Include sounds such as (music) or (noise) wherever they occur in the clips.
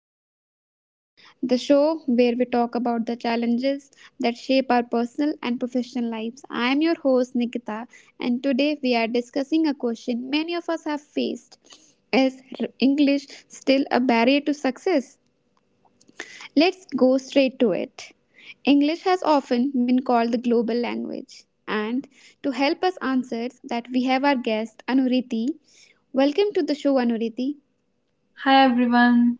our podcast, the show where we talk about the challenges that shape our personal and professional lives. I am your host, Nikita, and today we are discussing a question many of us have faced: Is English still a barrier to success? Let's go straight to it. English has often been called the global language, and to help us answer that, we have our guest, Anuriti. Welcome to the show, Anuriti. Hi everyone.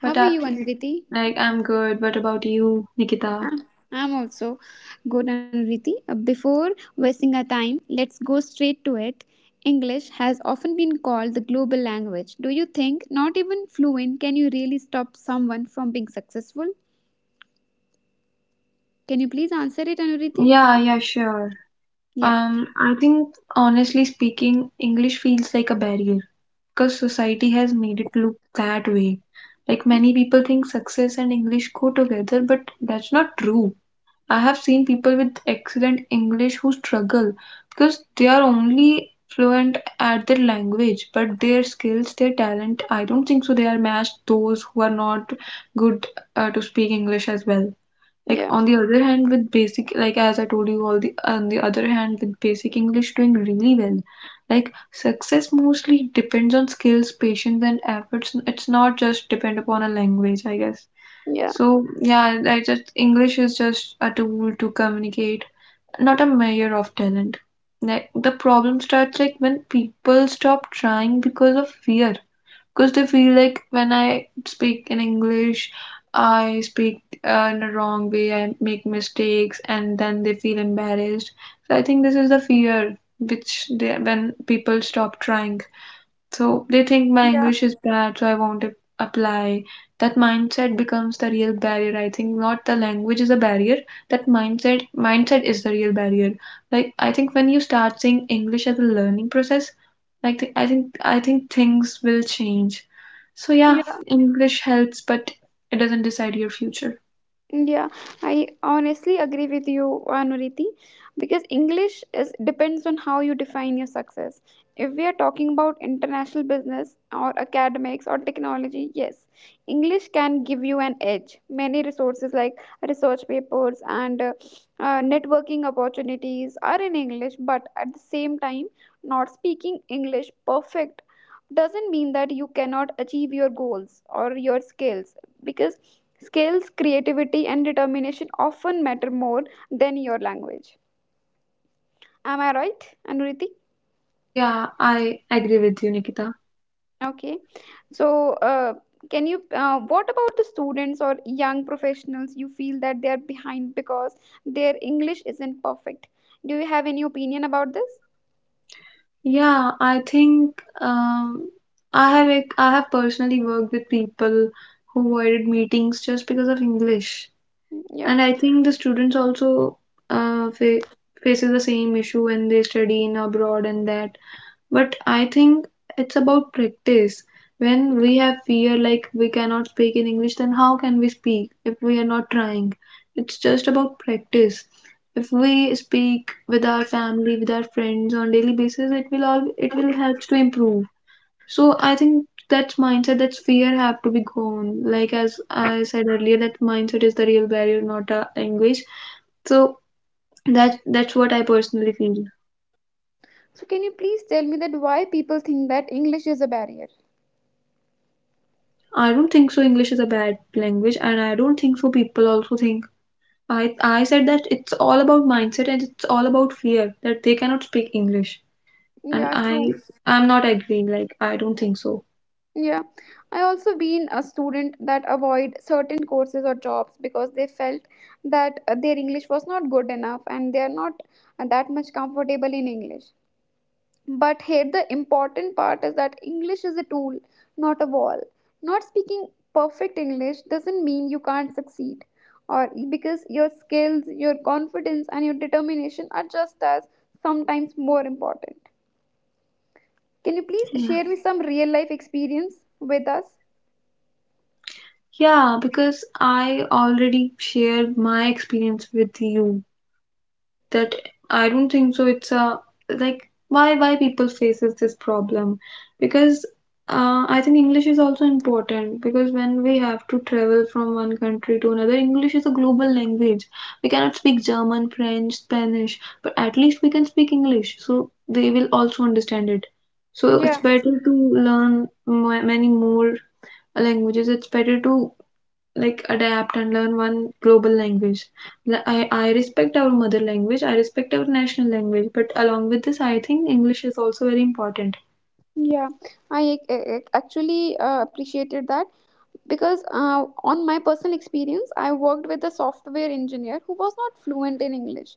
What are I you, Anuriti? like I'm good. What about you, Nikita? I'm I'm also good, Anuriti. Before wasting our time, let's go straight to it. English has often been called the global language. Do you think not even fluent can you really stop someone from being successful? Can you please answer it, Anuriti? Yeah, yeah, sure. Yeah. I think honestly speaking, English feels like a barrier because society has made it look that way. Like many people think success and English go together, but that's not true. I have seen people with excellent English who struggle because they are only fluent at their language, but their skills, their talent, I don't think so they are matched those who are not good to speak English as well. Like Yeah. on the other hand, with basic, like as I told you, all the On the other hand, with basic English doing really well, like success mostly depends on skills, patience, and efforts. It's not just depend upon a language, I guess. Yeah. So yeah, I just English is just a tool to communicate, not a measure of talent. Like the problem starts like when people stop trying because of fear because they feel like when I speak in English, I speak in a wrong way and make mistakes, and then they feel embarrassed. So I think this is the fear which they when people stop trying. So they think my English is bad, so I won't apply. That mindset becomes the real barrier. I think not the language is a barrier. That mindset is the real barrier. Like I think when you start seeing English as a learning process, like I think things will change. So yeah, Yeah. English helps, but it doesn't decide your future. Yeah, I honestly agree with you, Anuriti, because English is depends on how you define your success. If we are talking about international business or academics or technology, yes, English can give you an edge. Many resources like research papers and networking opportunities are in English, but at the same time, not speaking English perfect doesn't mean that you cannot achieve your goals or your skills, because skills, creativity, and determination often matter more than your language. Am I right, Anuriti? Yeah, I agree with you, Nikita. Okay. So, what about the students or young professionals you feel that they are behind because their English isn't perfect? Do you have any opinion about this? Yeah, I think I have I have personally worked with people who avoided meetings just because of English, Mm, yeah. and I think the students also fa faces the same issue when they study in abroad, and that but I think it's about practice. When we have fear, like we cannot speak in English, then how can we speak if we are not trying? It's just about practice. If we speak with our family, with our friends on daily basis, it will all it will help to improve. So I think that's mindset, that's fear have to be gone. Like as I said earlier, that mindset is the real barrier, not a language. So that's what I personally feel. So, can you please tell me that why people think that English is a barrier? I don't think so English is a bad language, and I don't think so people also think. I said that it's all about mindset and it's all about fear that they cannot speak English. And Yeah, I true. I'm not agreeing, like I don't think so. Yeah, I also been a student that avoid certain courses or jobs because they felt that their English was not good enough and they are not that much comfortable in English. But here the important part is that English is a tool, not a wall. Not speaking perfect English doesn't mean you can't succeed or, because your skills, your confidence and your determination are just as, sometimes more important. Can you please Yeah. share me some real life experience with us? Yeah, because I already shared my experience with you that I don't think so. It's a like why people faces this problem because I think English is also important because when we have to travel from one country to another, English is a global language. We cannot speak German, French, Spanish, but at least we can speak English, so they will also understand it. So it's Yeah. better to learn many more languages. It's better to like adapt and learn one global language. Like, I respect our mother language, I respect our national language, but along with this, I think English is also very important. Yeah, I actually appreciated that, because on my personal experience, I worked with a software engineer who was not fluent in English.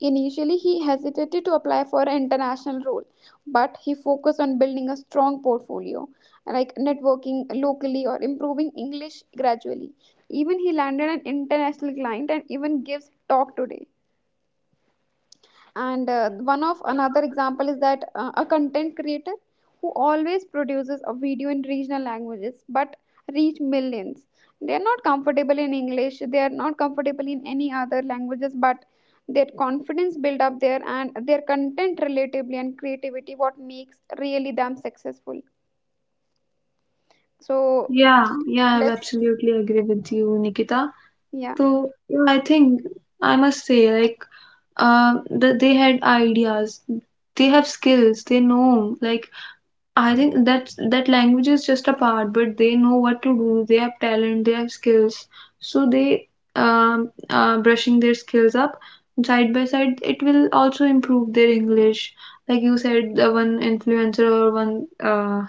Initially, he hesitated to apply for an international role, but he focused on building a strong portfolio, like networking locally or improving English gradually. Even he landed an international client and even gives talk today. And one of another example is that a content creator who always produces a video in regional languages but reach millions. They are not comfortable in English, they are not comfortable in any other languages, but their confidence build up there, and their content relatively and creativity what makes really them successful. So Yeah, yeah, I let's absolutely agree with you, Nikita. Yeah, So yeah, I think I must say, like, they had ideas, they have skills, they know, like, I think that's that language is just a part, but they know what to do. They have talent, they have skills, so they brushing their skills up side by side. It will also improve their English, like you said, the one influencer or one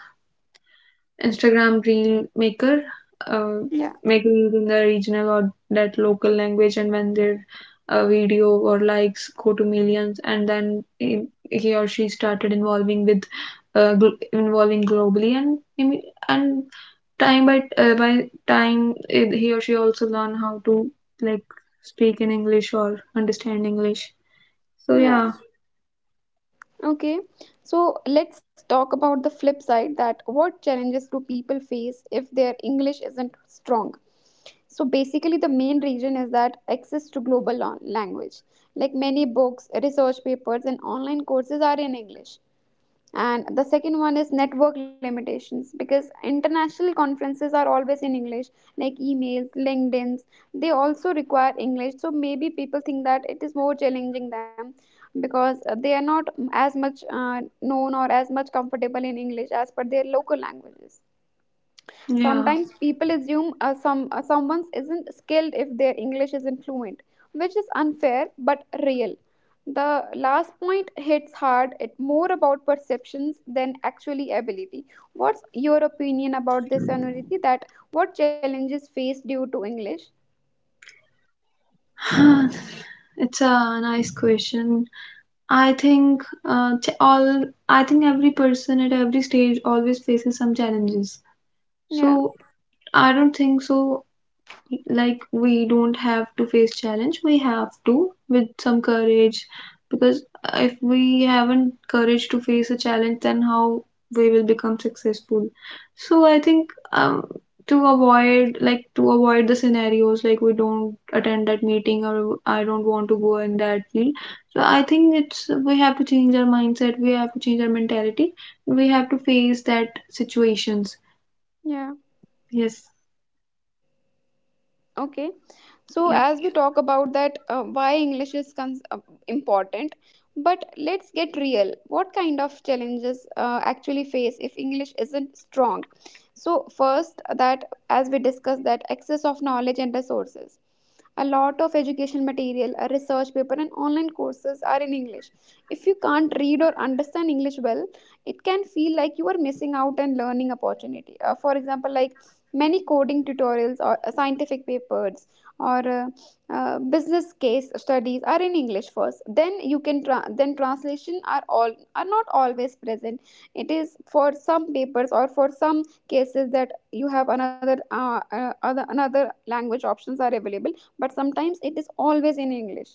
Instagram reel maker, uh, yeah, make reels in the regional or that local language, and when their video or likes go to millions, and then he or she started involving with involving globally, and time by time it, he or she also learn how to like speak in English or understand English. So yeah. yeah, Okay, so let's talk about the flip side, that what challenges do people face if their English isn't strong? So basically, the main reason is that access to global language, like many books, research papers, and online courses are in English. And the second one is network limitations, because international conferences are always in English, like emails, LinkedIns, they also require English. So maybe people think that it is more challenging them, because they are not as much known or as much comfortable in English as per their local languages. yeah, Sometimes people assume someone isn't skilled if their English isn't fluent, which is unfair but real. The last point hits hard. It more about perceptions than actually ability. What's your opinion about this, Anuriti? That what challenges face due to English? (sighs) it's a nice question. I think all I think every person at every stage always faces some challenges. Yeah, So I don't think so, like we don't have to face challenge, we have to with some courage, because if we haven't courage to face a challenge, then how we will become successful. So I think to avoid, to avoid the scenarios, like we don't attend that meeting or I don't want to go in that field. So I think it's we have to change our mindset, we have to change our mentality, we have to face that situations. yeah. Yes. Okay, so as we talk about that, why English is important, but let's get real: what kind of challenges actually face if English isn't strong? So first, that as we discussed, that access of knowledge and resources: a lot of education material, a research paper and online courses are in English. If you can't read or understand English well, it can feel like you are missing out and learning opportunity. For example, like many coding tutorials or scientific papers or business case studies are in English first. Then you can then translation are all are not always present. It is for some papers or for some cases that you have another other another language options are available. But sometimes it is always in English.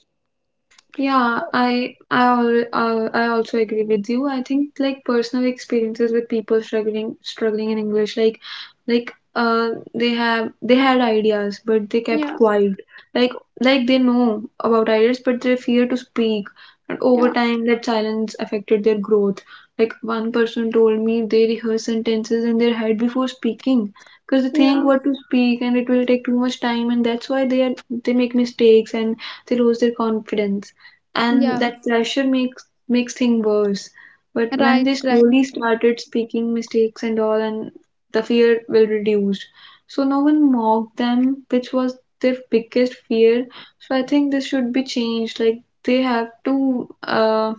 Yeah, I also agree with you. I think like personal experiences with people struggling in English, like they have they had ideas but they kept Yeah, quiet. Like like they know about ideas but they fear to speak. And over yeah, time, that silence affected their growth. Like one person told me they rehearse sentences in their head before speaking because they think yeah, what to speak and it will take too much time and that's why they are they make mistakes and they lose their confidence, yeah. and that pressure makes things worse. But Right, when they right, slowly started speaking mistakes and all, and the fear will reduce. So no one mocked them, which was their biggest fear. So I think this should be changed. Like they have to uh,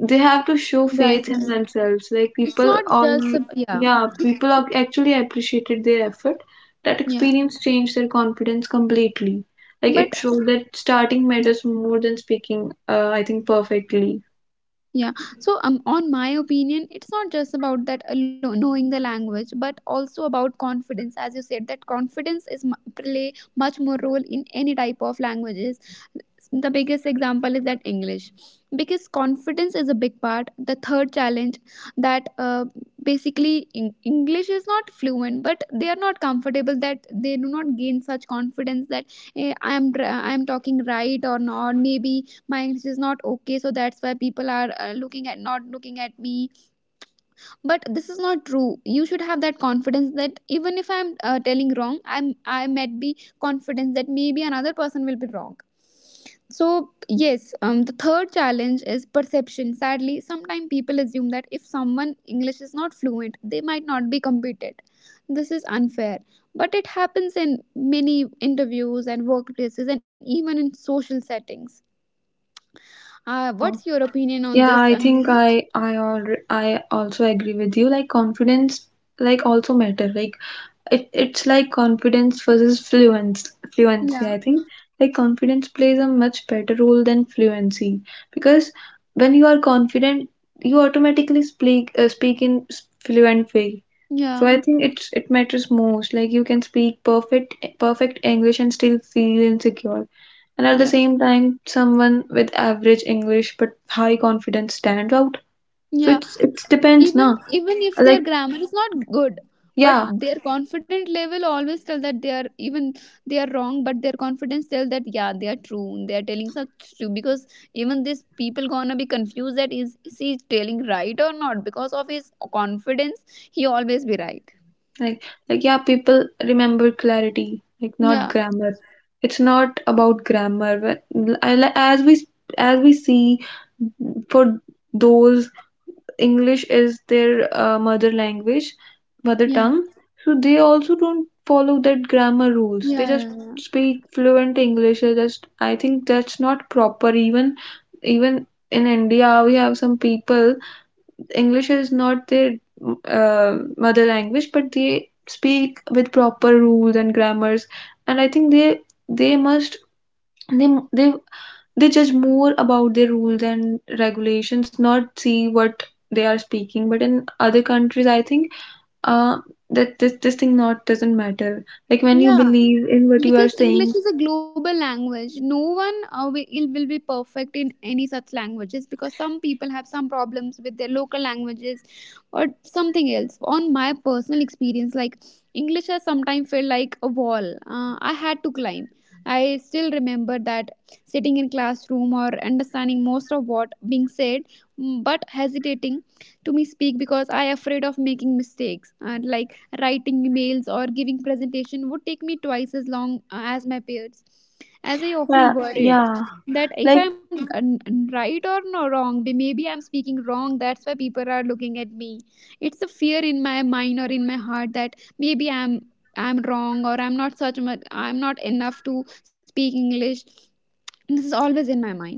they have to show right, faith in right. themselves like It's people not just on. a- yeah, Yeah, people are actually appreciated their effort. That yeah. experience changed their confidence completely. Like it But showed that starting matters more than speaking I think perfectly. Yeah. So, on my opinion, it's not just about knowing the language, but also about confidence. As you said, that confidence is play much more role in any type of languages. The biggest example is that English, because confidence is a big part. The third challenge, that basically English is not fluent, but they are not comfortable, that they do not gain such confidence. That I am talking right or not, maybe my English is not okay, so that's why people are looking at, not looking at me. But this is not true. You should have that confidence that even if I am telling wrong, I might be confident that maybe another person will be wrong. So, yes, the third challenge is perception. Sadly, sometimes people assume that if someone English is not fluent, they might not be competent. This is unfair, but it happens in many interviews and workplaces, and even in social settings. Yeah, What's your opinion on this, yeah, I Anviti? think I also agree with you like confidence like also matter like it, it's like confidence versus fluence, fluency Yeah, I think, like confidence plays a much better role than fluency because when you are confident, you automatically speak speak in fluent way. So yeah, I think it's it matters most. Like you can speak perfect English and still feel insecure, and at the yeah, same time someone with average English but high confidence stands out. So yeah. it's it even depends na. even if their Like grammar is not good, but yeah. their confident level always tell that they are even they are wrong, but their confidence tell that yeah, they are true, they are telling such true, because even these people gonna be confused that is he telling right or not, because of his confidence he always be right. Like, like yeah, people remember clarity, like not Yeah, grammar. It's not about grammar. But as we as we see, for those English is their mother language, mother yeah, tongue. So they also don't follow that grammar rules. They yeah, just yeah. speak fluent English. They just I think that's not proper. Even even in India, we have some people English is not their mother language, but they speak with proper rules and grammars, and I think they must they they they judge more about their rules and regulations, not see what they are speaking. But in other countries, I think uh, that this thing not doesn't matter. Like when you Yeah, yeah. believe in what you are Because English saying, is a global language, no one will be perfect in any such languages, because some people have some problems with their local languages or something else. On my personal experience, like English has sometimes felt like a wall I had to climb. I still remember that, sitting in classroom or understanding most of what being said, but hesitating to me speak, because I afraid of making mistakes. Like writing emails or giving presentation would take me twice as long as my peers, as I often yeah, worried yeah, that if like. I'm right or no wrong, maybe I'm speaking wrong, that's why people are looking at me. It's a fear in my mind or in my heart that maybe I'm wrong or I'm not such much, I'm not enough to speak English. This is always in my mind.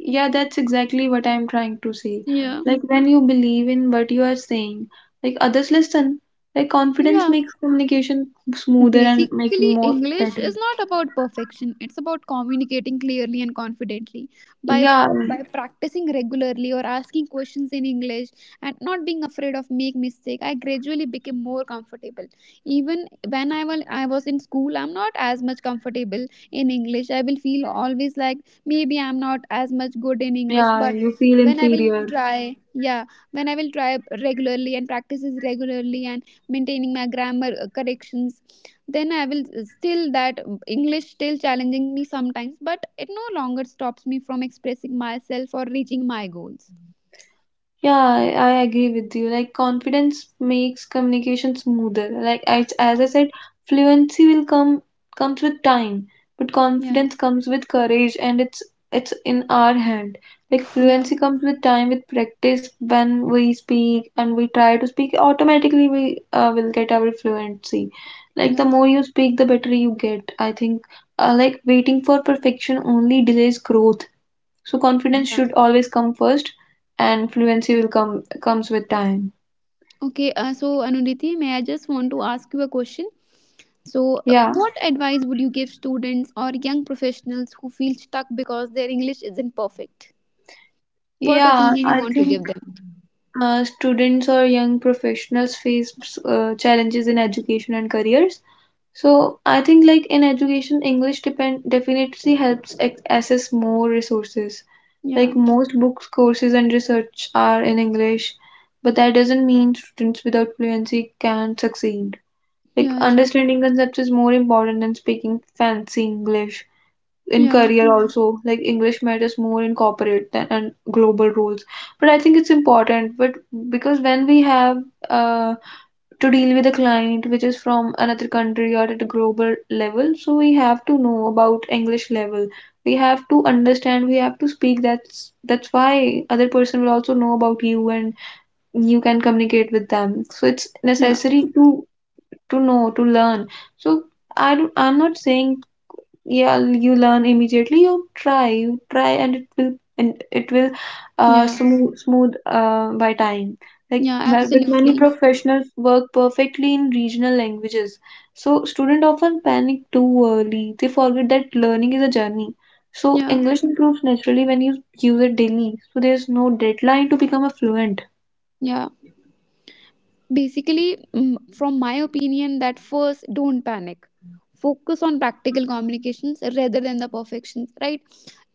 Yeah, that's exactly what I'm trying to say. Yeah, Like when you believe in what you are saying, like others listen. Like confidence yeah. makes communication smoother and Basically, making more English is better. not about perfection. It's about communicating clearly and confidently. By Yeah, by practicing regularly or asking questions in English, and not being afraid of make mistake, I gradually became more comfortable. Even when I was in school, I'm not as much comfortable in English. I will feel always like maybe I'm not as much good in English, yeah, but you feel when I will inferior. try, yeah, when I will try regularly and practices regularly and maintaining my grammar corrections, then I will still that English still challenging me sometimes, but it no longer stops me from expressing myself or reaching my goals. Yeah, I agree with you. Like confidence makes communication smoother. Like I, Yeah, as I said, fluency will come comes with time, but yeah, confidence comes with courage, and it's in our hand. Like yeah, fluency comes with time, with practice. When we speak and we try to speak, automatically we will get our fluency. Like yeah, the more you speak, the better you get, I think. Like waiting for perfection only delays growth, so confidence yeah. should always come first, and fluency will come comes with time. Okay, so Anuriti, may I just want to ask you a question. So, Yeah, what advice would you give students or young professionals who feel stuck because their English isn't perfect? What yeah. opinion you I want to give think them? (sighs) Students or young professionals face challenges in education and careers. So I think like in education, English depend definitely helps access more resources. Yeah, Like most books, courses, and research are in English, but that doesn't mean students without fluency can succeed. Like yeah, yeah, understanding concepts is more important than speaking fancy English. In yeah, career also, like English matters more in corporate than and global roles, but I think it's important but because when we have uh, to deal with a client which is from another country or at a global level, so we have to know about English level. We have to understand, we have to speak. That's why other person will also know about you, and you can communicate with them. So it's yeah, necessary to know, to learn. So I don't, I'm not saying yeah you learn immediately. You try, you try and it will uh, yeah, smooth smooth uh, by time. Like yeah, but many absolutely, professionals work perfectly in regional languages. So students often panic too early. They forget that learning is a journey. So yeah, English improves naturally when you use it daily, so there's no deadline to become a fluent. yeah. Basically, from my opinion, that first don't panic. Focus on practical communications rather than the perfections, right?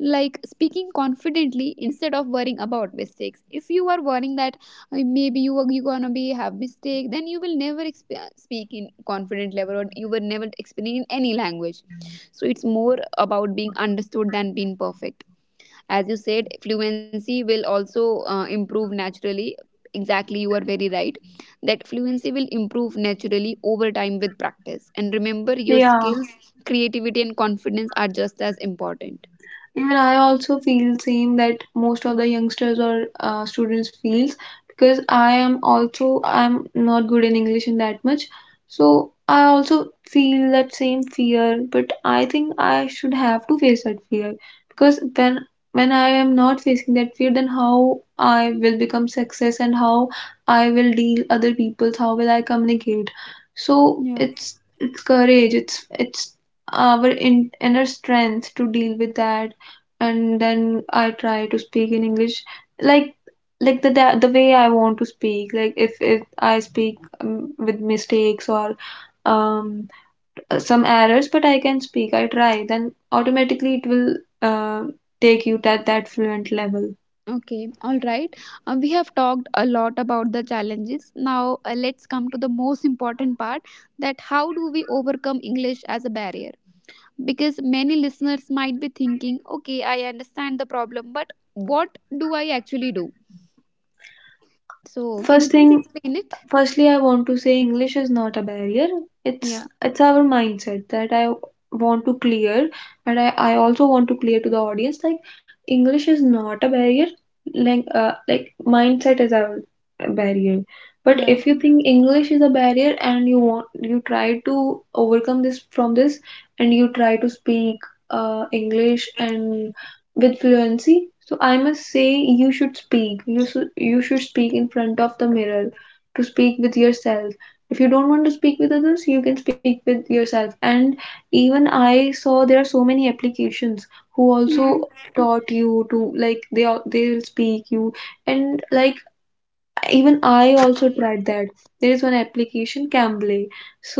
Like speaking confidently instead of worrying about mistakes. If you are worrying that, maybe you are you gonna be have mistake, then you will never speak in confident level, or you will never explain in any language. So it's more about being understood than being perfect. As you said, fluency will also improve naturally. Exactly, you are very right, that fluency will improve naturally over time with practice, and remember, your Yeah. skills, creativity and confidence are just as important. Even I also feel same that most of the youngsters or students feels because I am also I'm not good in English in that much. So I also feel that same fear, but I think I should have to face that fear because when I am not facing that fear, then how I will become success and how I will deal other people, how will I communicate? Yeah. So it's courage, it's our inner strength to deal with that, and then I try to speak in English like like the way I want to speak, like if I speak with mistakes or um some errors, but I can speak, I try, then automatically it will uh, take you to that fluent level. Okay, all right. We have talked a lot about the challenges. Now let's come to the most important part, that how do we overcome English as a barrier? Because many listeners might be thinking, okay, I understand the problem, but what do I actually do? So can you first please thing explain it? Firstly, I want to say English is not a barrier. It's Yeah. it's our mindset that I want to clear, and I also want to clear to the audience like English is not a barrier. Like mindset is our barrier. But Yeah. if you think English is a barrier and you try to overcome this, and you try to speak English and with fluency, so I must say you should speak. You should speak in front of the mirror, to speak with yourself. If you don't want to speak with others, you can speak with yourself. And even I saw there are so many applications who also Mm. taught you to, like, they will speak you, and like even I also tried that. There is one application, Cambly,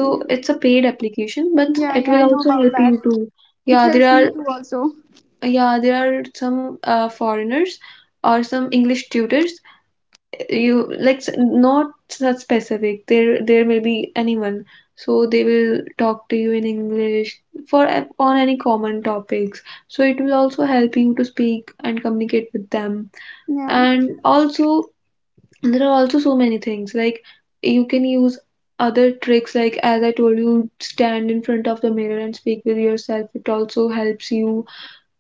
Yeah. it's a paid application, but Yeah. it Yeah. will I know also about help that. you to... It Yeah, there helps me are... too, also. Yeah, there are some foreigners or some English tutors, you like, not such specific, there may be anyone, so they will talk to you in English for, on any common topics. So it will also help you to speak and communicate with them. Yeah. And also, there are also so many things like you can use other tricks like, as I told you, stand in front of the mirror and speak with yourself, it also helps you.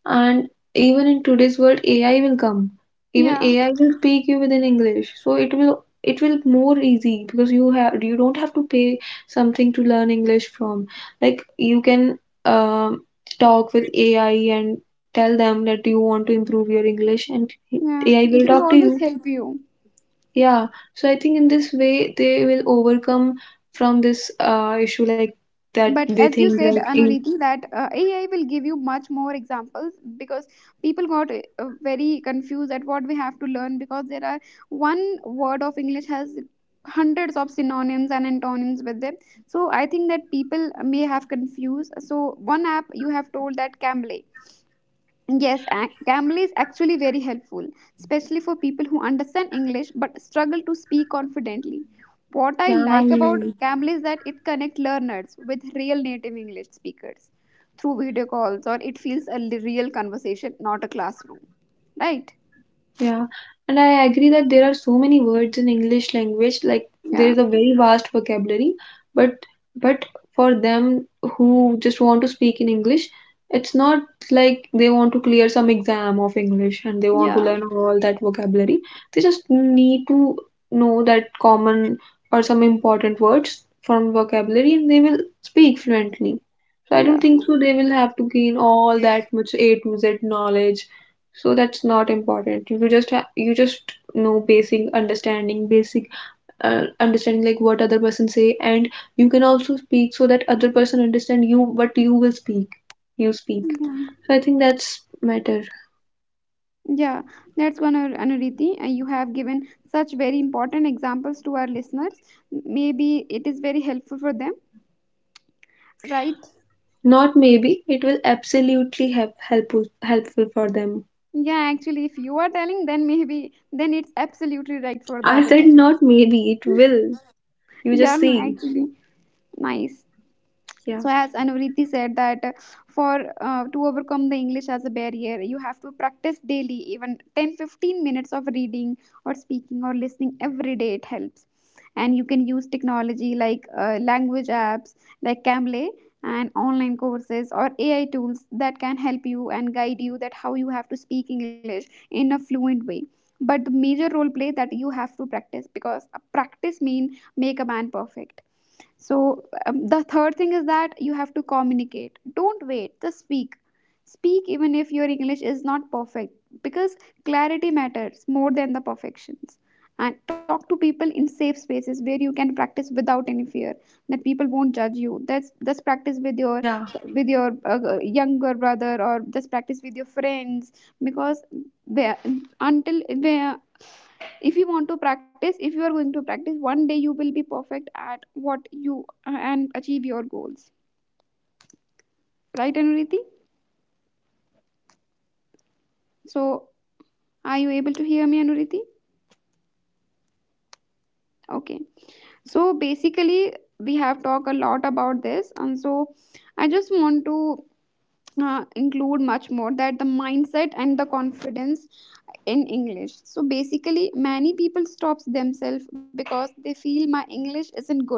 And even in today's world, AI will come. Even Yeah. AI will speak you within English. So it will more easy because you don't have to pay something to learn English from. Like you can um, talk with AI and tell them that you want to improve your English, and Yeah. AI It will will talk to always you. help you. Yeah. So I think in this way they will overcome from this issue like that But they as you think said, like in... Anuriti, that AI will give you much more examples, because people got very confused at what we have to learn, because there are one word of English has hundreds of synonyms and antonyms with them. So I think that people may have confused. So one app you have told, that Cambly. Yes, Camel is actually very helpful, especially for people who understand English but struggle to speak confidently. What I Yeah, I like about know. Camel is that it connects learners with real native English speakers through video calls, or it feels a real conversation, not a classroom. Right? Yeah, and I agree that there are so many words in English language, like there Yeah, is a very vast vocabulary, but but for them who just want to speak in English, it's not like they want to clear some exam of English and they want to yeah, learn all that vocabulary. They just need to know that common or some important words from vocabulary and they will speak fluently. So I yeah, don't think so they will have to gain all that much A to Z knowledge, so that's not important. You just you just know basic understanding, basic understanding, like what other person say, and you can also speak so that other person understand you what you will speak, you speak. yeah. So I think that's matter. Yeah, that's one, Anuriti. You have given such very important examples to our listeners. Maybe it is very helpful for them, right? Not maybe, it will absolutely helpful, helpful for them. Yeah, actually, if you are telling, then maybe then it's absolutely right for the I other said person. not maybe, it will, you just Yeah, no, see. actually, nice. Yeah, So as Anuvriti said, that for to overcome the English as a barrier, you have to practice daily. Even 10, 15 minutes of reading or speaking or listening every day, it helps. And you can use technology like language apps like Cambly and and if you online don't want courses to or use AI that tools language app, that can you can help use you and AI. guide you that how you have to speak English in a fluent way. But the major role play that you have to practice, because a practice mean make a man perfect. So, the third thing is that you have to communicate. Don't wait, just speak. Speak even if your English is not perfect, because clarity matters more than the perfections. And talk to people in safe spaces where you can practice without any fear that people won't judge you. That's just practice with your, Yeah, younger brother, or just practice with your friends. Because where, until where, if you want to practice, if you are going to practice, one day you will be perfect at what you and achieve your goals. yeah, absolutely. Right, Anuriti? So, are you able to hear me, Anuriti? Okay, so basically, we have talked a lot about this, and so I just want to include much more that the mindset and the confidence in English. So basically, many people stops themselves because they feel my English isn't good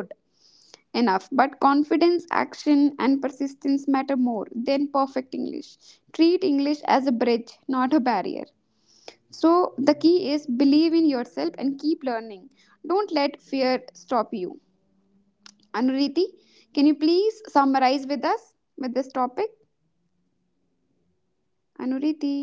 enough. But confidence, action, and persistence matter more than perfect English. Treat English as a bridge, not a barrier. So, the key is believe in yourself and keep learning. Don't let fear stop you. Anuriti, can you please summarize with us with this topic? Anuriti.